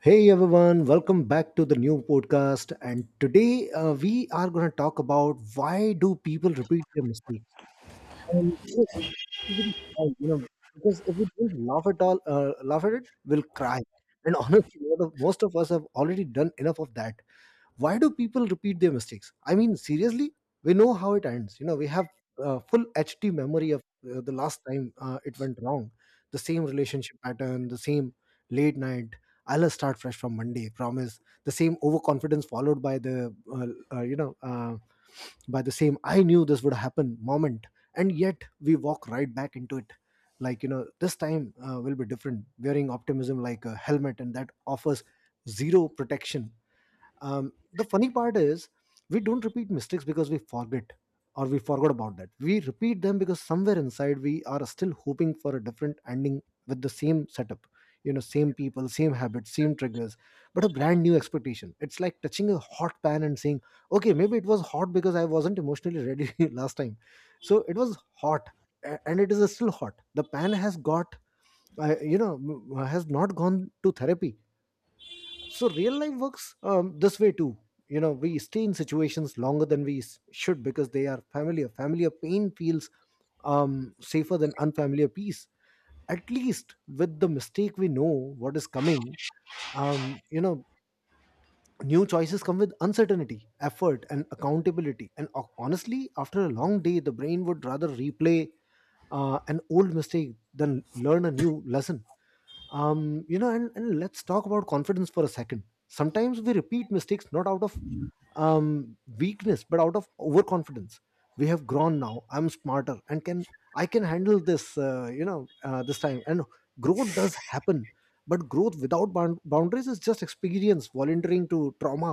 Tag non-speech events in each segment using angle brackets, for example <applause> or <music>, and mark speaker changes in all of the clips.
Speaker 1: Hey everyone, welcome back to the new podcast. And today we are going to talk about why do people repeat their mistakes? Um, you know, because if we don't laugh at all, laugh at it, we'll cry. And <laughs> honestly, most of us have already done enough of that. Why do people repeat their mistakes? I mean, seriously, we know how it ends. You know, we have full HD memory of the last time it went wrong. The same relationship pattern, the same late night, I'll start fresh from Monday promise, the same overconfidence followed by the you know by the same I knew this would happen moment. And yet we walk right back into it, like, you know, this time will be different, wearing optimism like a helmet, and that offers zero protection. Um, the funny part is we don't repeat mistakes because we forget or we forgot about that. We repeat them because somewhere inside we are still hoping for a different ending with the same setup. You know, same people, same habits, same triggers, but a brand new expectation. It's like touching a hot pan and saying, okay, maybe it was hot because I wasn't emotionally ready <laughs> last time. So it was hot, and it is still hot. The pan has got, has not gone to therapy. So real life works this way too. You know, we stay in situations longer than should because they are familiar. Familiar pain feels safer than unfamiliar peace. At least with the mistake we know what is coming. um, you know New choices come with uncertainty, effort, and accountability. And honestly, after a long day, the brain would rather replay an old mistake than learn a new lesson. And let's talk about confidence for a second. Sometimes we repeat mistakes not out of weakness but out of overconfidence. We have grown now, I'm smarter, and can I can handle this, this time. And growth does happen, but growth without boundaries is just experience volunteering to trauma.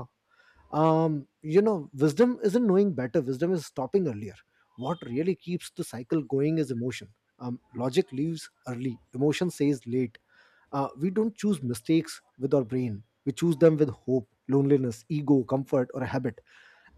Speaker 1: Um you know wisdom isn't knowing better. Wisdom is stopping earlier. What really keeps the cycle going is emotion. Um logic leaves early, emotion says late. We don't choose mistakes with our brain. We choose them with hope, loneliness, ego, comfort, or a habit.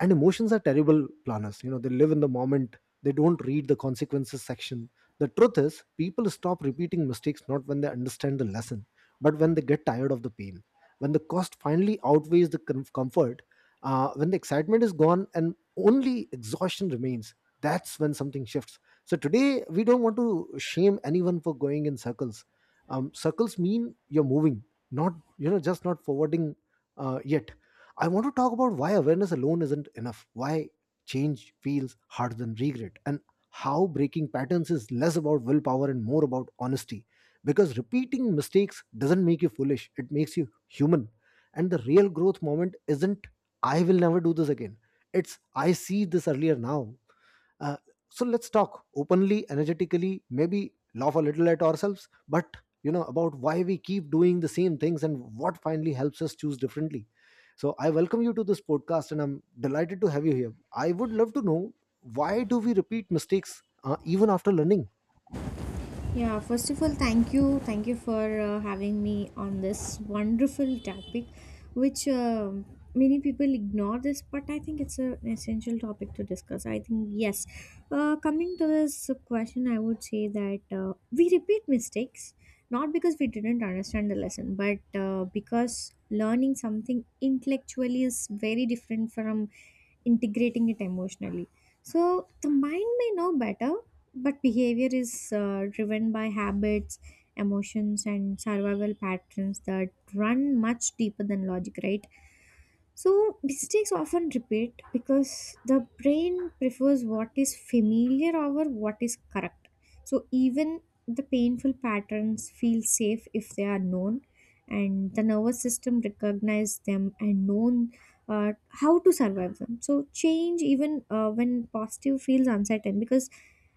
Speaker 1: And emotions are terrible planners. You know, they live in the moment, they don't read the consequences section. The truth is, people stop repeating mistakes not when they understand the lesson, but when they get tired of the pain, when the cost finally outweighs the comfort, when the excitement is gone and only exhaustion remains. That's when something shifts. So today we don't want to shame anyone for going in circles. Um, circles mean you're moving, not you know just not forwarding yet. I want to talk about why awareness alone isn't enough, why change feels harder than regret, and how breaking patterns is less about willpower and more about honesty. Because repeating mistakes doesn't make you foolish, it makes you human. And the real growth moment isn't, I will never do this again. It's, I see this earlier now. Uh, so let's talk openly, energetically, maybe laugh a little at ourselves, but, you know, about why we keep doing the same things and what finally helps us choose differently. So I welcome you to this podcast and I'm delighted to have you here. I would love to know, why do we repeat mistakes even after learning?
Speaker 2: Yeah, first of all, thank you. Thank you for having me on this wonderful topic, which many people ignore this, but I think it's an essential topic to discuss. I think, yes. Coming to this question, I would say that we repeat mistakes not because we didn't understand the lesson, but because learning something intellectually is very different from integrating it emotionally. So the mind may know better, but behavior is driven by habits, emotions, and survival patterns that run much deeper than logic, right? So, mistakes often repeat because the brain prefers what is familiar over what is correct. So, even the painful patterns feel safe if they are known, and the nervous system recognizes them and known how to survive them. So, change even when positive feels uncertain because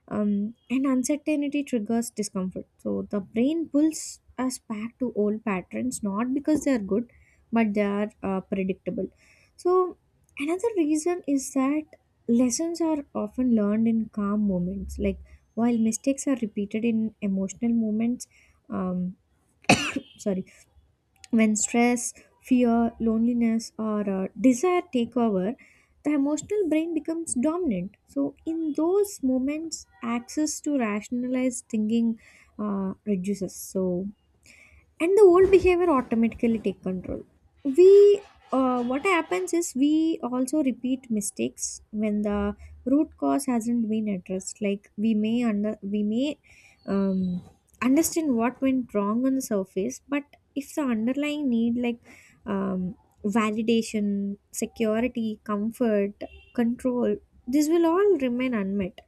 Speaker 2: and uncertainty triggers discomfort. So, the brain pulls us back to old patterns not because they are good but they are predictable. So, another reason is that lessons are often learned in calm moments. Like, while mistakes are repeated in emotional moments, um, sorry, when stress, fear, loneliness, or desire take over, the emotional brain becomes dominant. So, in those moments, access to rationalized thinking reduces. So, and the old behavior automatically take control we what happens is we also repeat mistakes when the root cause hasn't been addressed, like we may um, understand what went wrong on the surface, but if the underlying need, like um, validation, security, comfort, control, this will all remain unmet,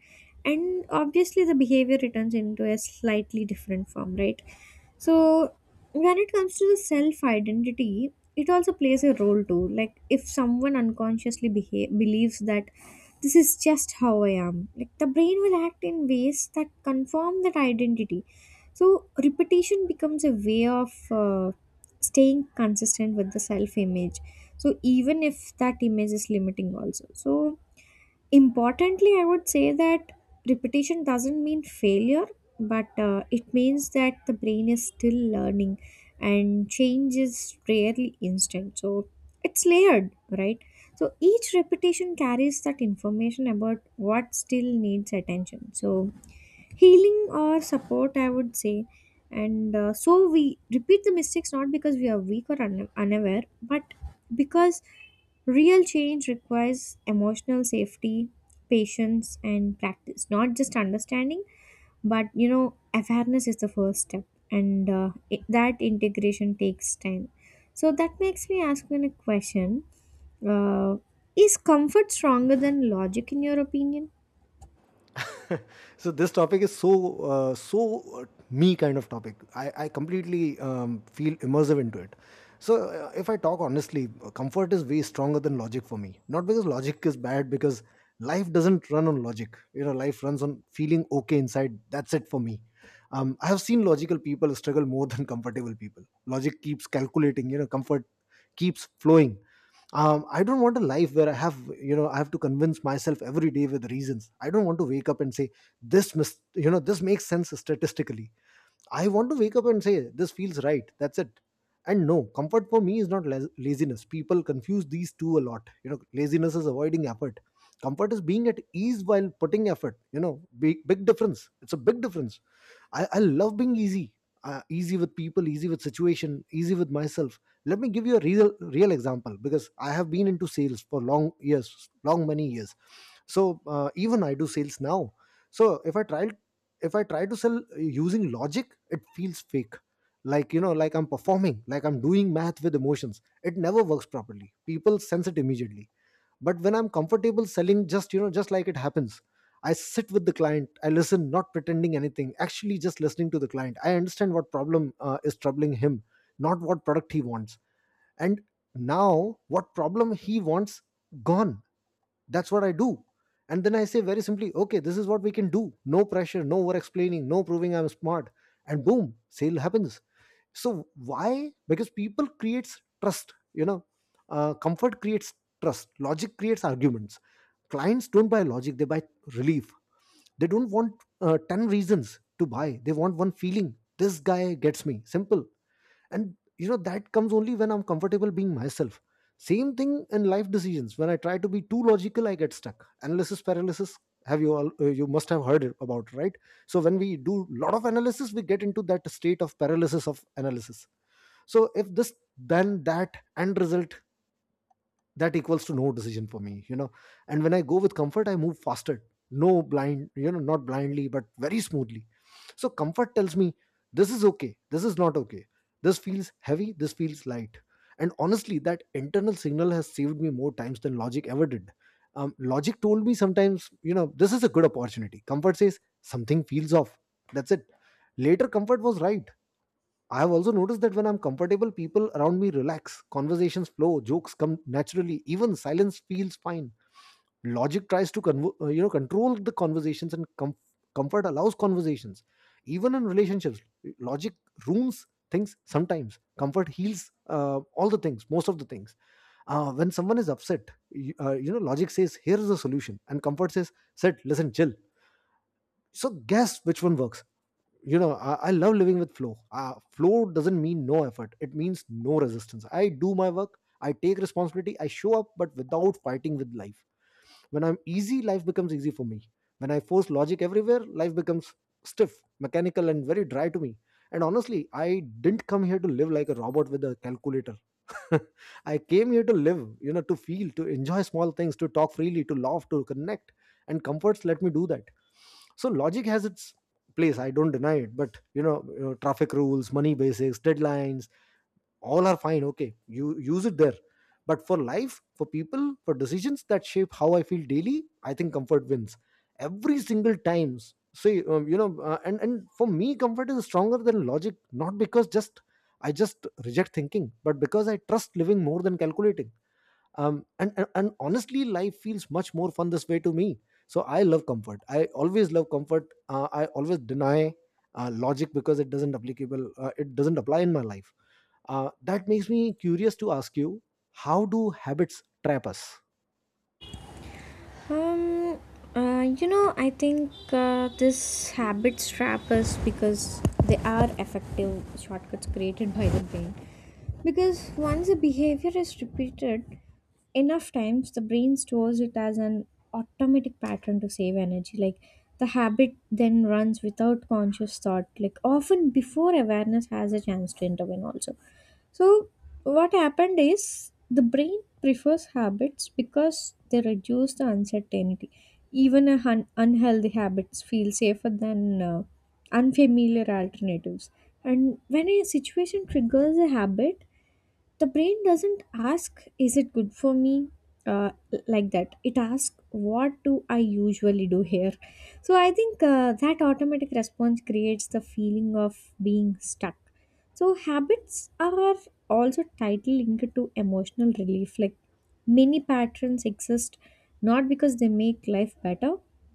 Speaker 2: and obviously the behavior returns into a slightly different form, right? So when it comes to the self identity, it also plays a role too. Like if someone unconsciously believes that this is just how I am, like the brain will act in ways that confirm that identity. So repetition becomes a way of staying consistent with the self image, so even if that image is limiting also. So importantly, I would say that repetition doesn't mean failure, but it means that the brain is still learning and change is rarely instant. So it's layered, right? So each repetition carries that information about what still needs attention. So healing or support, I would say. And so we repeat the mistakes not because we are weak or unaware, but because real change requires emotional safety, patience, and practice. Not just understanding, but you know, awareness is the first step, and that integration takes time. So that makes me ask you a question: uh, is comfort stronger than logic, in your opinion?
Speaker 1: <laughs> So this topic is so me kind of topic. I completely feel immersive into it. So if I talk honestly, comfort is way stronger than logic for me. Not because logic is bad, because life doesn't run on logic. You know, life runs on feeling okay inside. That's it for me. I have seen logical people struggle more <laughs> than comfortable people. Logic keeps calculating, you know, comfort keeps flowing. I don't want a life where I have to convince myself every day with reasons. I don't want to wake up and say, this mis- you know this makes sense statistically. I want to wake up and say, this feels right. That's it. And no, comfort for me is not laziness. People confuse these two a lot. You know, laziness is avoiding effort, comfort is being at ease while putting effort. You know, big difference. It's a big difference. I love being easy. Uh, easy with people, easy with situation, easy with myself. Let me give you a real example because I have been into sales for long years, long many years. So even I do sales now. So if I try to sell using logic, it feels fake. Like, you know, like I'm performing, like I'm doing math with emotions. It never works properly. People sense it immediately. But when I'm comfortable selling, just, you know, just like it happens. I sit with the client, I listen, not pretending anything, actually just listening to the client. I understand what problem is troubling him, not what product he wants. And now what problem he wants gone. That's what I do. And then I say very simply, okay, this is what we can do. No pressure, no over explaining, no proving I'm smart. And boom, sale happens. So why? Because people creates trust. You know, comfort creates trust, logic creates arguments. Clients don't buy logic, they buy relief. They don't want 10 reasons to buy. They want one feeling, this guy gets me, simple. And you know, that comes only when I'm comfortable being myself. Same thing in life decisions. When I try to be too logical, I get stuck. Analysis paralysis. Have you all, you must have heard about, right? So when we do lot of analysis, we get into that state of paralysis of analysis. So if this, then that, end result, that equals to no decision for me, you know. And when I go with comfort, I move faster. No blind, you know, not blindly, but very smoothly. So comfort tells me, this is okay, this is not okay, this feels heavy, this feels light. And honestly, that internal signal has saved me more times than logic ever did. Um, logic told me sometimes, you know, this is a good opportunity. Comfort says, something feels off. That's it. Later, comfort was right. I've also noticed that when I'm comfortable, people around me relax, conversations flow, jokes come naturally, even silence feels fine. Logic tries to control the conversations, and comfort allows conversations. Even in relationships, logic ruins things sometimes. Comfort heals all the things, most of the things. When someone is upset, you, logic says, "Here is the solution," and comfort says, "Sit, listen, chill." So guess which one works. You know, I love living with flow. Flow doesn't mean no effort, it means no resistance. I do my work, I take responsibility, I show up, but without fighting with life. When I'm easy, life becomes easy for me. When I force logic everywhere, life becomes stiff, mechanical, and very dry to me. And honestly, I didn't come here to live like a robot with a calculator. <laughs> I came here to live, you know, to feel, to enjoy small things, to talk freely, to laugh, to connect, and comforts let me do that. So logic has its place. I don't deny it, but you know, you know, traffic rules, money basics, deadlines, all are fine. Okay, you use it there. But for life, for people, for decisions that shape how I feel daily, I think comfort wins every single times. See, and for me, comfort is stronger than logic. Not because just I just reject thinking, but because I trust living more than calculating. And honestly, life feels much more fun this way to me. So I love comfort, I always love comfort. I always deny logic because it doesn't applicable, it doesn't apply in my life. That makes me curious to ask you, how do habits trap us?
Speaker 2: Um, you know, I think this habits trap us because they are effective shortcuts created by the brain. Because once a behavior is repeated enough times, the brain stores it as an automatic pattern to save energy. Like the habit then runs without conscious thought, like often before awareness has a chance to intervene, also. So, what happened is the brain prefers habits because they reduce the uncertainty. Even a unhealthy habits feel safer than unfamiliar alternatives. And when a situation triggers a habit, the brain doesn't ask is it good for me, uh, like that, it asks what do I usually do here. So I think that automatic response creates the feeling of being stuck. So habits are also tightly linked to emotional relief, like many patterns exist not because they make life better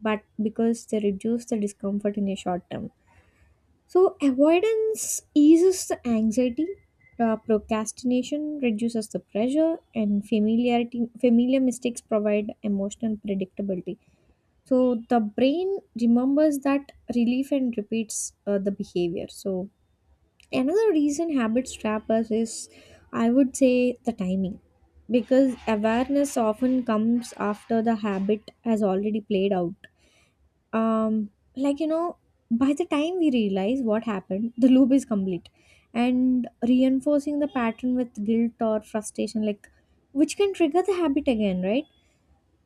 Speaker 2: but because they reduce the discomfort in a short term. So, avoidance eases the anxiety, procrastination reduces the pressure, and familiar mistakes provide emotional predictability. So, the brain remembers that relief and repeats the behavior. So, another reason habits trap us is, I would say, the timing. Because awareness often comes after the habit has already played out. um like you know, by the time we realize what happened, the loop is complete and reinforcing the pattern with guilt or frustration, like which can trigger the habit again, right?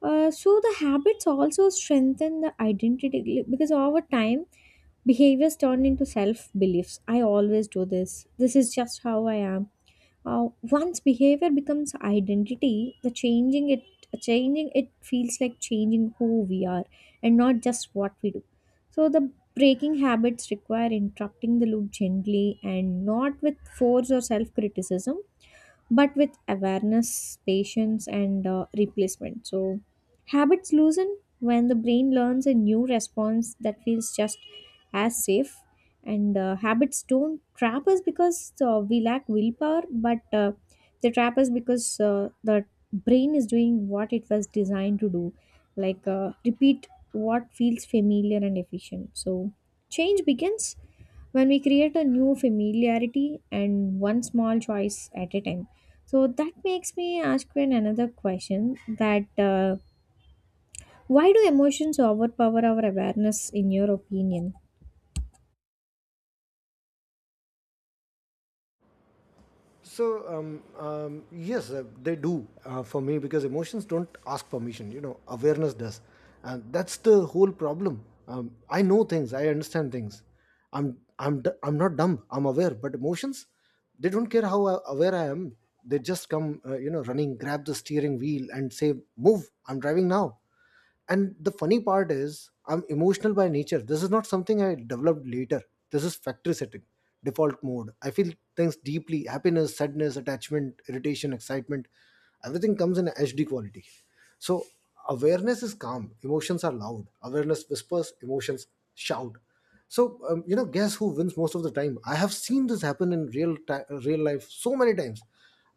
Speaker 2: So the habits also strengthen the identity, like, because over time behaviors turn into self beliefs. I always do this, this is just how I am. Once behavior becomes identity, the changing it feels like changing who we are and not just what we do. So the breaking habits require interrupting the loop gently and not with force or self criticism, but with awareness, patience, and replacement. So, habits loosen when the brain learns a new response that feels just as safe. And habits don't trap us because we lack willpower, but they trap us because the brain is doing what it was designed to do, like repeat what feels familiar and efficient. So, change begins when we create a new familiarity and one small choice at a time. So that makes me ask you another question that uh, why do emotions overpower our awareness in your opinion?
Speaker 1: So yes, they do for me, because emotions don't ask permission. You know, awareness does, and that's the whole problem. I know things, I understand things. I'm not dumb. I'm aware, but emotions, they don't care how aware I am. They just come, running, grab the steering wheel, and say, "Move! I'm driving now." And the funny part is, I'm emotional by nature. This is not something I developed later. This is factory setting, default mode. I feel things deeply: happiness, sadness, attachment, irritation, excitement. Everything comes in HD quality. So, awareness is calm, emotions are loud. Awareness whispers, emotions shout. So guess who wins most of the time? I have seen this happen in real life so many times.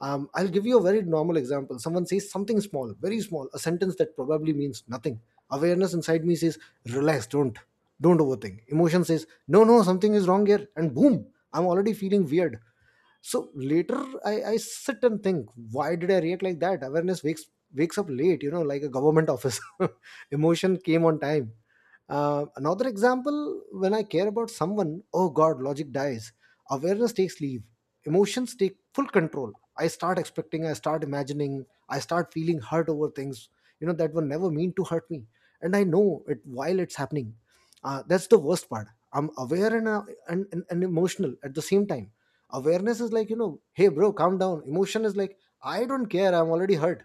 Speaker 1: I'll give you a very normal example. Someone says something small, very small, a sentence that probably means nothing. Awareness inside me says, relax, don't overthink. Emotion says, no, no, something is wrong here. And boom, I'm already feeling weird. So later, I sit and think, why did I react like that? Awareness wakes up late, like a government office. <laughs> Emotion came on time. Another example: when I care about someone, oh god, logic dies. Awareness takes leave, emotions take full control. I start expecting, I start imagining, I start feeling hurt over things that were never meant to hurt me. And I know it while it's happening. That's the worst part. I'm aware and emotional at the same time. Awareness is like, hey bro, calm down. Emotion is like, I don't care, I'm already hurt.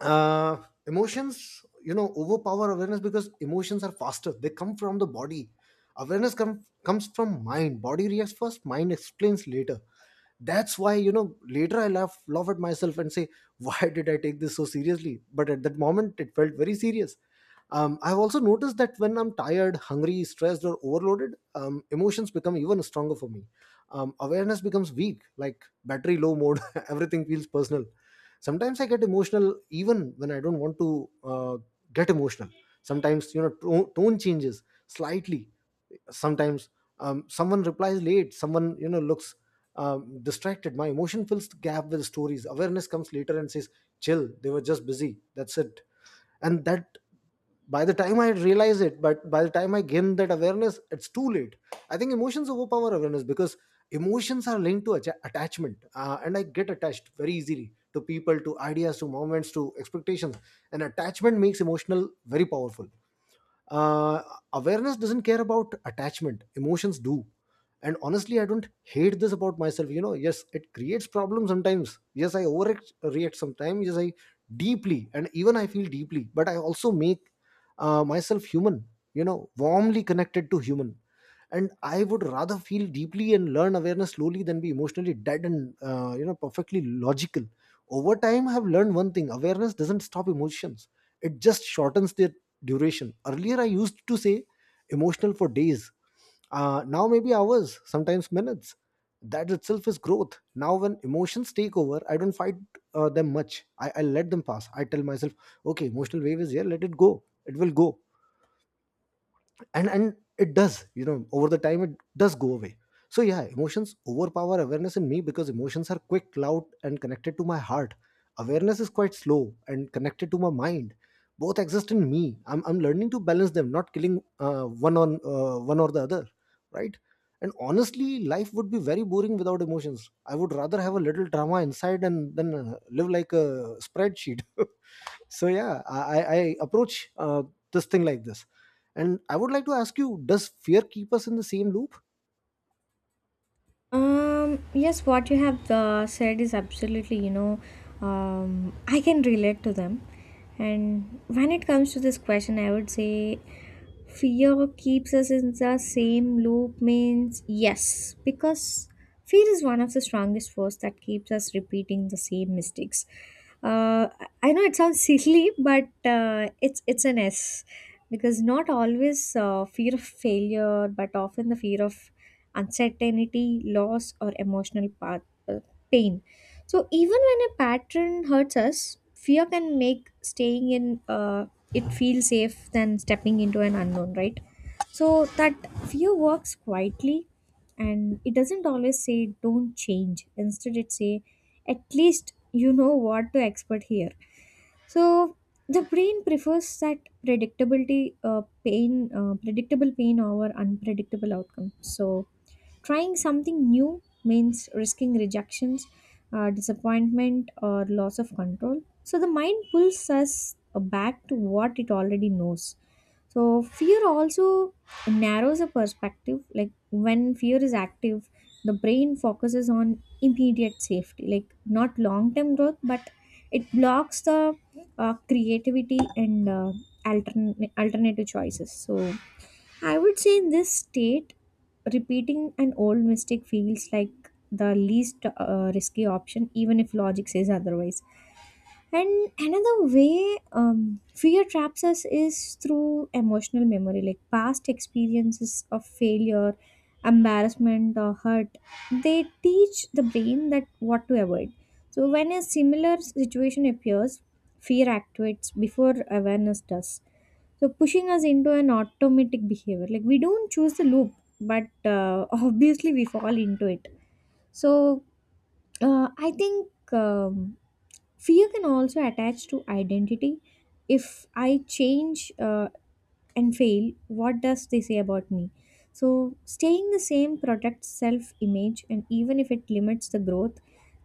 Speaker 1: uh Emotions overpower awareness because emotions are faster. They come from the body. Awareness comes from mind. Body reacts first, mind explains later. That's why later I laugh at myself and say, <laughs> why did I take this so seriously? But at that moment, it felt very serious. I've also noticed that when I'm tired, hungry, stressed, or overloaded, emotions become even stronger for me. Awareness becomes weak, like battery low mode. <laughs> Everything feels personal. Sometimes I get emotional even when I don't want to get emotional. Sometimes, tone changes slightly. Sometimes someone replies late, someone, looks distracted. My emotion fills the gap with stories. Awareness comes later and says, chill, they were just busy. That's it. And that, by the time I realize it, but by the time I gain that awareness, it's too late. I think emotions overpower awareness because emotions are linked to attachment, and I get attached very easily, to people, to ideas, to moments, to expectations. And attachment makes emotional very powerful. uh, Awareness doesn't care about attachment, emotions do. And honestly, I don't hate this about myself. Yes, it creates problems sometimes, yes I overreact sometimes, yes I deeply and even I feel deeply, but I also make myself human, warmly connected to human. And I would rather feel deeply and learn awareness slowly than be emotionally dead and perfectly logical. Over time, I've learned one thing: awareness doesn't stop emotions, it just shortens their duration. Earlier, I used to say emotional for days. Now maybe hours, sometimes minutes. That itself is growth. Now when emotions take over, I don't fight them much. I let them pass. I tell myself, okay, emotional wave is here, let it go, it will go. And it does. Over the time, it does go away. So yeah, emotions overpower awareness in me because emotions are quick, loud, and connected to my heart. Awareness is quite slow and connected to my mind. Both exist in me. I'm learning to balance them, not killing one on one or the other, right? And honestly, life would be very boring without emotions. I would rather have a little drama inside and then live like a spreadsheet. <laughs> So yeah, I approach uh, this thing like this. And I would like to ask you, does fear keep us in the same loop?
Speaker 2: Yes, what you have said is absolutely, you know, I can relate to them. And when it comes to this question, I would say fear keeps us in the same loop means yes, because fear is one of the strongest force that keeps us repeating the same mistakes. Uh, I know it sounds <laughs> silly, but it's an S because not always fear of failure, but often the fear of uncertainty, loss, or emotional uh, pain. So, even when a pattern hurts us, fear can make staying in uh, it feel safe than stepping into an unknown, right? So, that fear works quietly and it doesn't always say don't change. Instead, it say at least you know what to expect here. So the brain prefers that predictable pain over unpredictable outcome. So trying something new means risking rejections, disappointment, or loss of control. So the mind pulls us back to what it already knows. So fear also narrows a perspective. Like when fear is active, the brain focuses on immediate safety, like not long term growth, but it blocks the creativity and alternative choices. So I would say in this state, repeating an old mistake feels like the least risky option, even if logic says otherwise. And another way fear traps us is through emotional memory, like past experiences of failure, embarrassment, or hurt. They teach the brain that what to avoid. So when a similar situation appears, fear activates before awareness does, so pushing us into an automatic behavior. Like we don't choose the loop, but <laughs> obviously we fall into it. So I think fear can also attach to identity. If I change and fail, what does they say about me? So staying the same protects self image, and even if it limits the growth,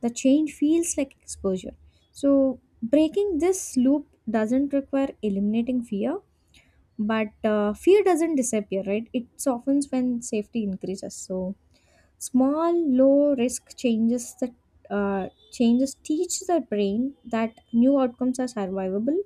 Speaker 2: the change feels like exposure. So breaking this loop doesn't require eliminating fear, but fear doesn't disappear, right? It softens when safety increases. So small low risk changes that changes teach the brain that new outcomes are survivable.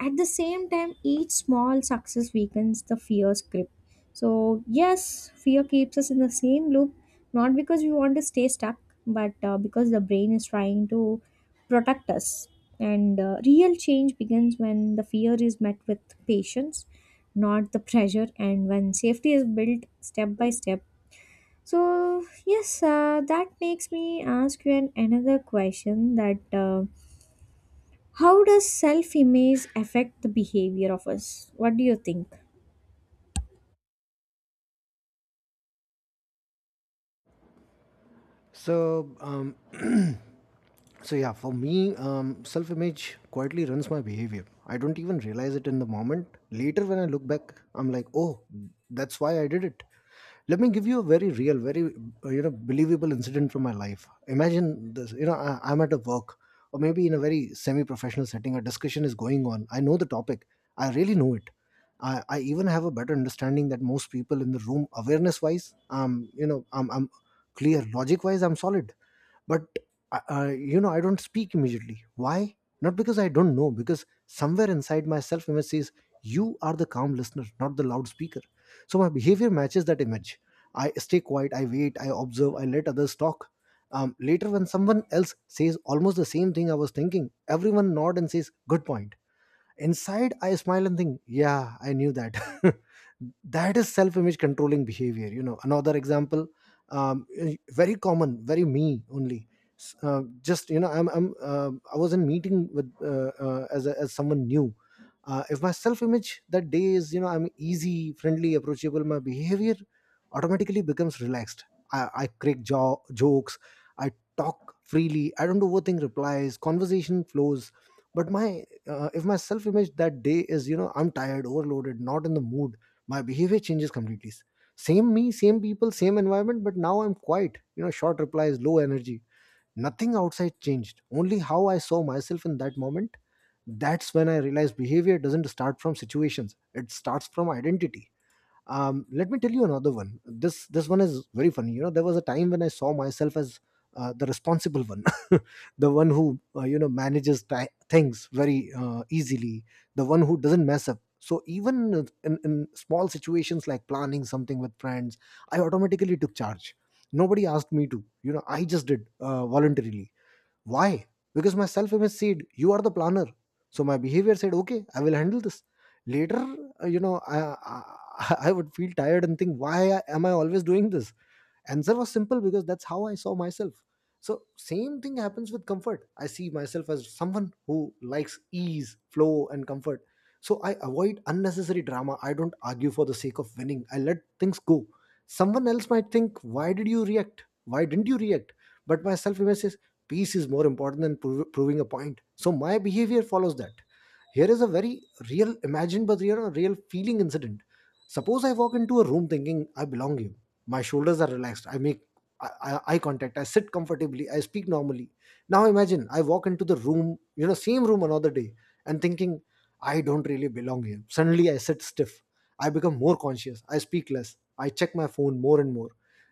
Speaker 2: At the same time, each small success weakens the fear's grip. So, yes, fear keeps us in the same loop, not because we want to stay stuck, but because the brain is trying to protect us. And real change begins when the fear is met with patience, not the pressure, and when safety is built step by step. So, yes, that makes me ask you another question that. How does self image affect the behavior of us? What do you think?
Speaker 1: So, <clears throat> so yeah, for me, self-image quietly runs my behavior. I don't even realize it in the moment. Later, when I look back, I'm like, oh, that's why I did it. Let me give you a very real, very believable incident from my life. Imagine this. I'm at a work or maybe in a very semi-professional setting. A discussion is going on. I know the topic. I really know it. I even have a better understanding that most people in the room, awareness wise. I'm clear, logic wise, I'm solid. But I don't speak immediately. Why? Not because I don't know, because somewhere inside my self image says, you are the calm listener, not the loudspeaker. So my behavior matches that image. I stay quiet, I wait, I observe, I let others talk. Later, when someone else says almost the same thing I was thinking, everyone nod and says, good point. Inside, I smile and think, yeah, I knew that. <laughs> That is self image controlling behavior. Another example, very common, very me only. S- just, you know, I'm, I was in meeting with as someone new. If my self image that day is, I'm easy, friendly, approachable, my behavior automatically becomes relaxed. I crack jokes, I talk freely, I don't overthink replies, conversation flows. But my if my self image that day is, I'm tired, overloaded, not in the mood, my behavior changes completely. Same me, same people, same environment, but now I'm quiet, short replies, low energy. Nothing outside changed, only how I saw myself in that moment. That's when I realized behavior doesn't start from situations, it starts from identity. Let me tell you another one. This one is very funny. There was a time when I saw myself as the responsible one. <laughs> The one who manages ti things very easily, the one who doesn't mess up. So even in small situations like planning something with friends, I automatically took charge. Nobody asked me to. I just did, voluntarily. Why? Because my self image said, you are the planner. So my behavior said, okay, I will handle this. Later, <laughs> I would feel tired and think, why am I always doing this? Answer was simple, because that's how I saw myself. So same thing happens with comfort. I see myself as someone who likes ease, flow, and comfort. So I avoid unnecessary drama, I don't argue for the sake of winning, I let things go. Someone else might think, why did you react, why didn't you react? But my self image says, peace is more important than proving a point. So my behavior follows that. Here is a very real, imagined but real, real feeling incident. Suppose I walk into a room thinking I belong here. My shoulders are relaxed. I make eye contact. I sit comfortably. I speak normally. Now imagine I walk into the room, same room another day, and thinking I don't really belong here. Suddenly I sit stiff. I become more conscious. I speak less. I check my phone more and more.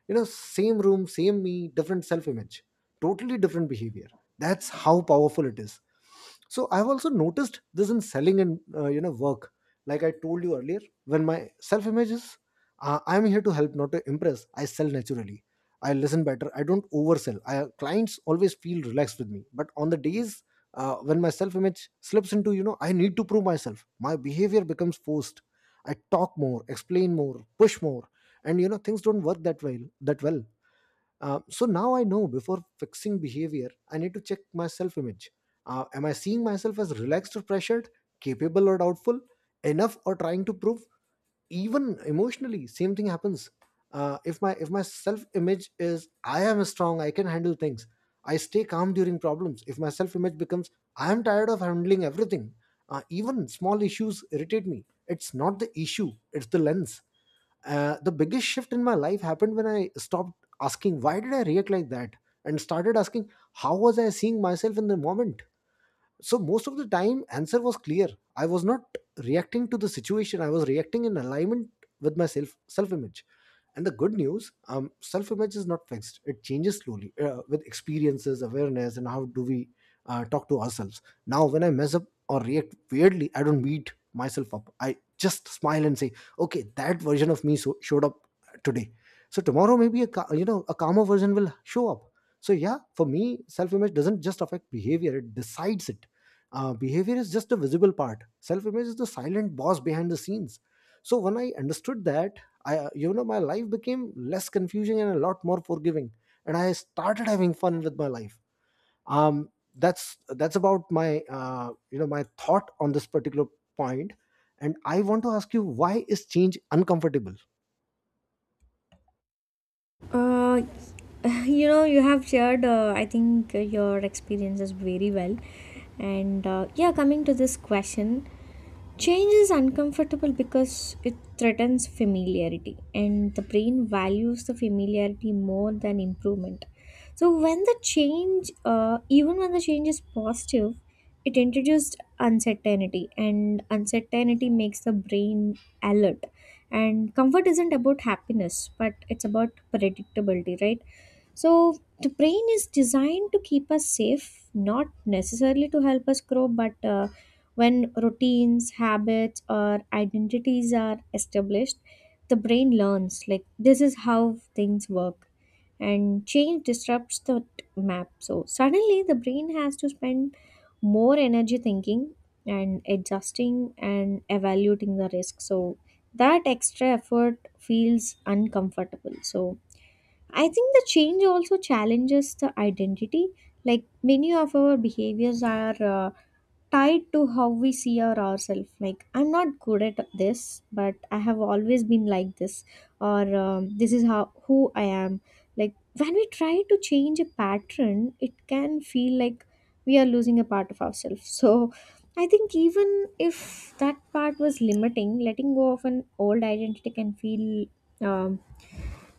Speaker 1: Same room, same me, different self image, totally different behavior. That's how powerful it is. So I've also noticed this in selling and work, like I told you earlier. When my self image is, I'm here to help, not to impress, I sell naturally. I listen better, I don't oversell. Clients always feel relaxed with me. But on the days when my self image slips into, I need to prove myself, my behavior becomes forced. I talk more, explain more, push more. And things don't work that well. So now I know, before fixing behavior, I need to check my self image. Am I seeing myself as relaxed or pressured, capable or doubtful, enough or trying to prove? Even emotionally, same thing happens. If my self image is, I am strong, I can handle things, I stay calm during problems. If my self image becomes, I am tired of handling everything, even small issues irritate me. It's not the issue; it's the lens. The biggest shift in my life happened when I stopped asking, why did I react like that, and started asking, how was I seeing myself in the moment? So most of the time, answer was clear: I was not reacting to the situation, I was reacting in alignment with my self image. And the good news, self image is not fixed, it changes slowly with experiences, awareness, and how do we talk to ourselves. Now when I mess up or react weirdly, I don't beat myself up, I just smile and say, okay, that version of me showed up today. So tomorrow maybe a ca- you know a calmer version will show up. So yeah, for me, self image doesn't just affect behavior, it decides it. Behavior is just the visible part. Self image is the silent boss behind the scenes. So when I understood that, I you know my life became less confusing and a lot more forgiving, and I started having fun with my life. Um, that's about my my thought on this particular point, and I want to ask you, why is change uncomfortable?
Speaker 2: Uh, <sighs> <laughs> you know, you have shared, I think, your experiences very well. And yeah, coming to this question, change is uncomfortable because it threatens familiarity, and the brain values the familiarity more than improvement. So, when the even when the change is positive, it introduced uncertainty, and uncertainty makes the brain alert. And comfort isn't about happiness, but it's about predictability, right? So the brain is designed to keep us safe, not necessarily to help us grow, but when routines, habits, or identities are established, the brain learns like this is how things work, and change disrupts the map. So suddenly, the brain has to spend more energy thinking and adjusting and evaluating the risk. So that extra effort feels uncomfortable. So I think the change also challenges the identity. Like many of our behaviors are tied to how we see our ourselves. Like I'm not good at this, but I have always been like this, or this is how who I am. Like when we try to change a pattern, it can feel like we are losing a part of ourselves. So I think even if that part was limiting, letting go of an old identity can feel um,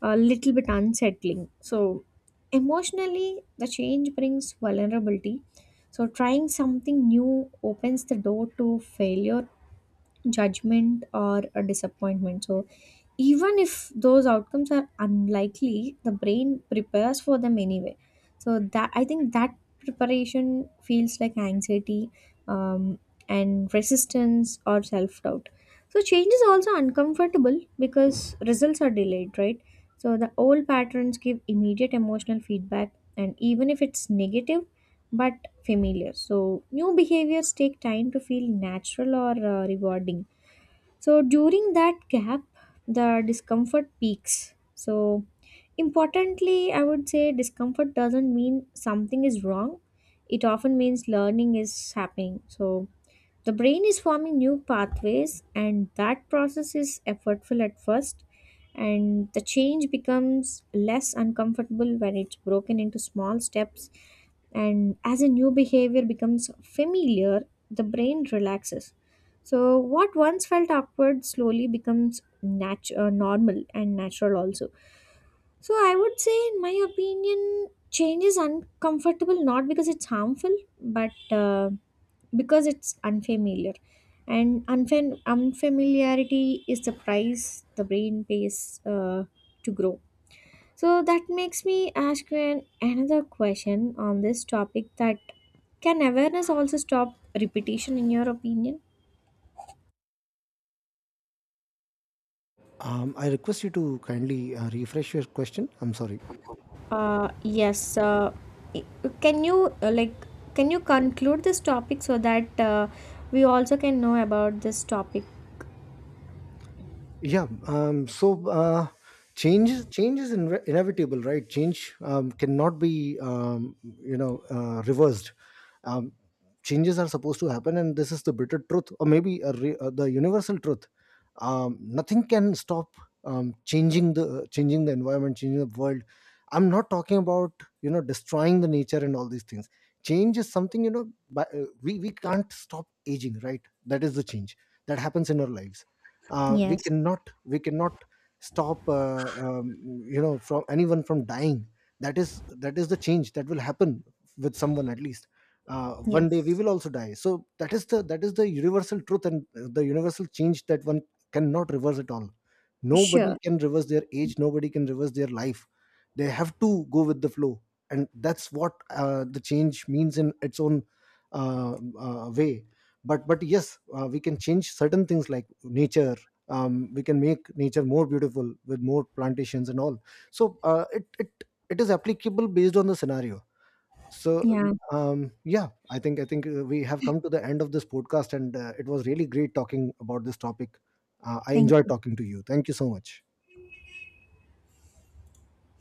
Speaker 2: a little bit unsettling. So, emotionally, the change brings vulnerability. So, trying something new opens the door to failure, judgment, or a disappointment. So, even if those outcomes are unlikely, the brain prepares for them anyway. So that I think that preparation feels like anxiety, um, and resistance or self doubt. So change is also uncomfortable because results are delayed, right? So the old patterns give immediate emotional feedback, and even if it's negative, but familiar. So, new behaviors take time to feel natural or rewarding. So, during that gap, the discomfort peaks. So, importantly, I would say discomfort doesn't mean something is wrong, it often means learning is happening. So, the brain is forming new pathways, and that process is effortful at first, and the change becomes less uncomfortable when it's broken into small steps. And as a new behavior becomes familiar, the brain relaxes. So, what once felt awkward slowly becomes normal and natural also. So I would say, in my opinion, change is uncomfortable not because it's harmful, but because it's unfamiliar and unfamiliarity is the price the brain pays to grow. So that makes me ask you another question on this topic that can awareness also stop repetition in your opinion?
Speaker 1: I request you to kindly refresh your question. I'm sorry.
Speaker 2: uh, yes uh, i- can you like can you conclude this topic so that we also can know about this topic?
Speaker 1: Yeah. So change is inevitable, right? Change cannot be reversed. Um, Changes are supposed to happen, and this is the bitter truth, or maybe the universal truth. Nothing can stop changing the environment, changing the world. I'm not talking about destroying the nature and all these things. Change is something we can't stop aging, right? That is the change that happens in our lives. We
Speaker 2: Yes,
Speaker 1: cannot we cannot stop from anyone from dying. That is the change that will happen with someone at least. One day we
Speaker 2: yes,
Speaker 1: will also die. So that is the universal truth, and the universal change, that one cannot reverse at all. Nobody
Speaker 2: sure,
Speaker 1: can reverse their age, nobody can reverse their life. They have to go with the flow. And that's what the change means in its own way. But yes, we can change certain things like nature. We can make nature more beautiful with more plantations and all. So it is applicable based on the scenario. So
Speaker 2: yeah,
Speaker 1: yeah, I think we have come to the end of this podcast, and it was really great talking about this topic. I
Speaker 2: thank
Speaker 1: enjoyed
Speaker 2: you.
Speaker 1: talking to you. Thank you so much.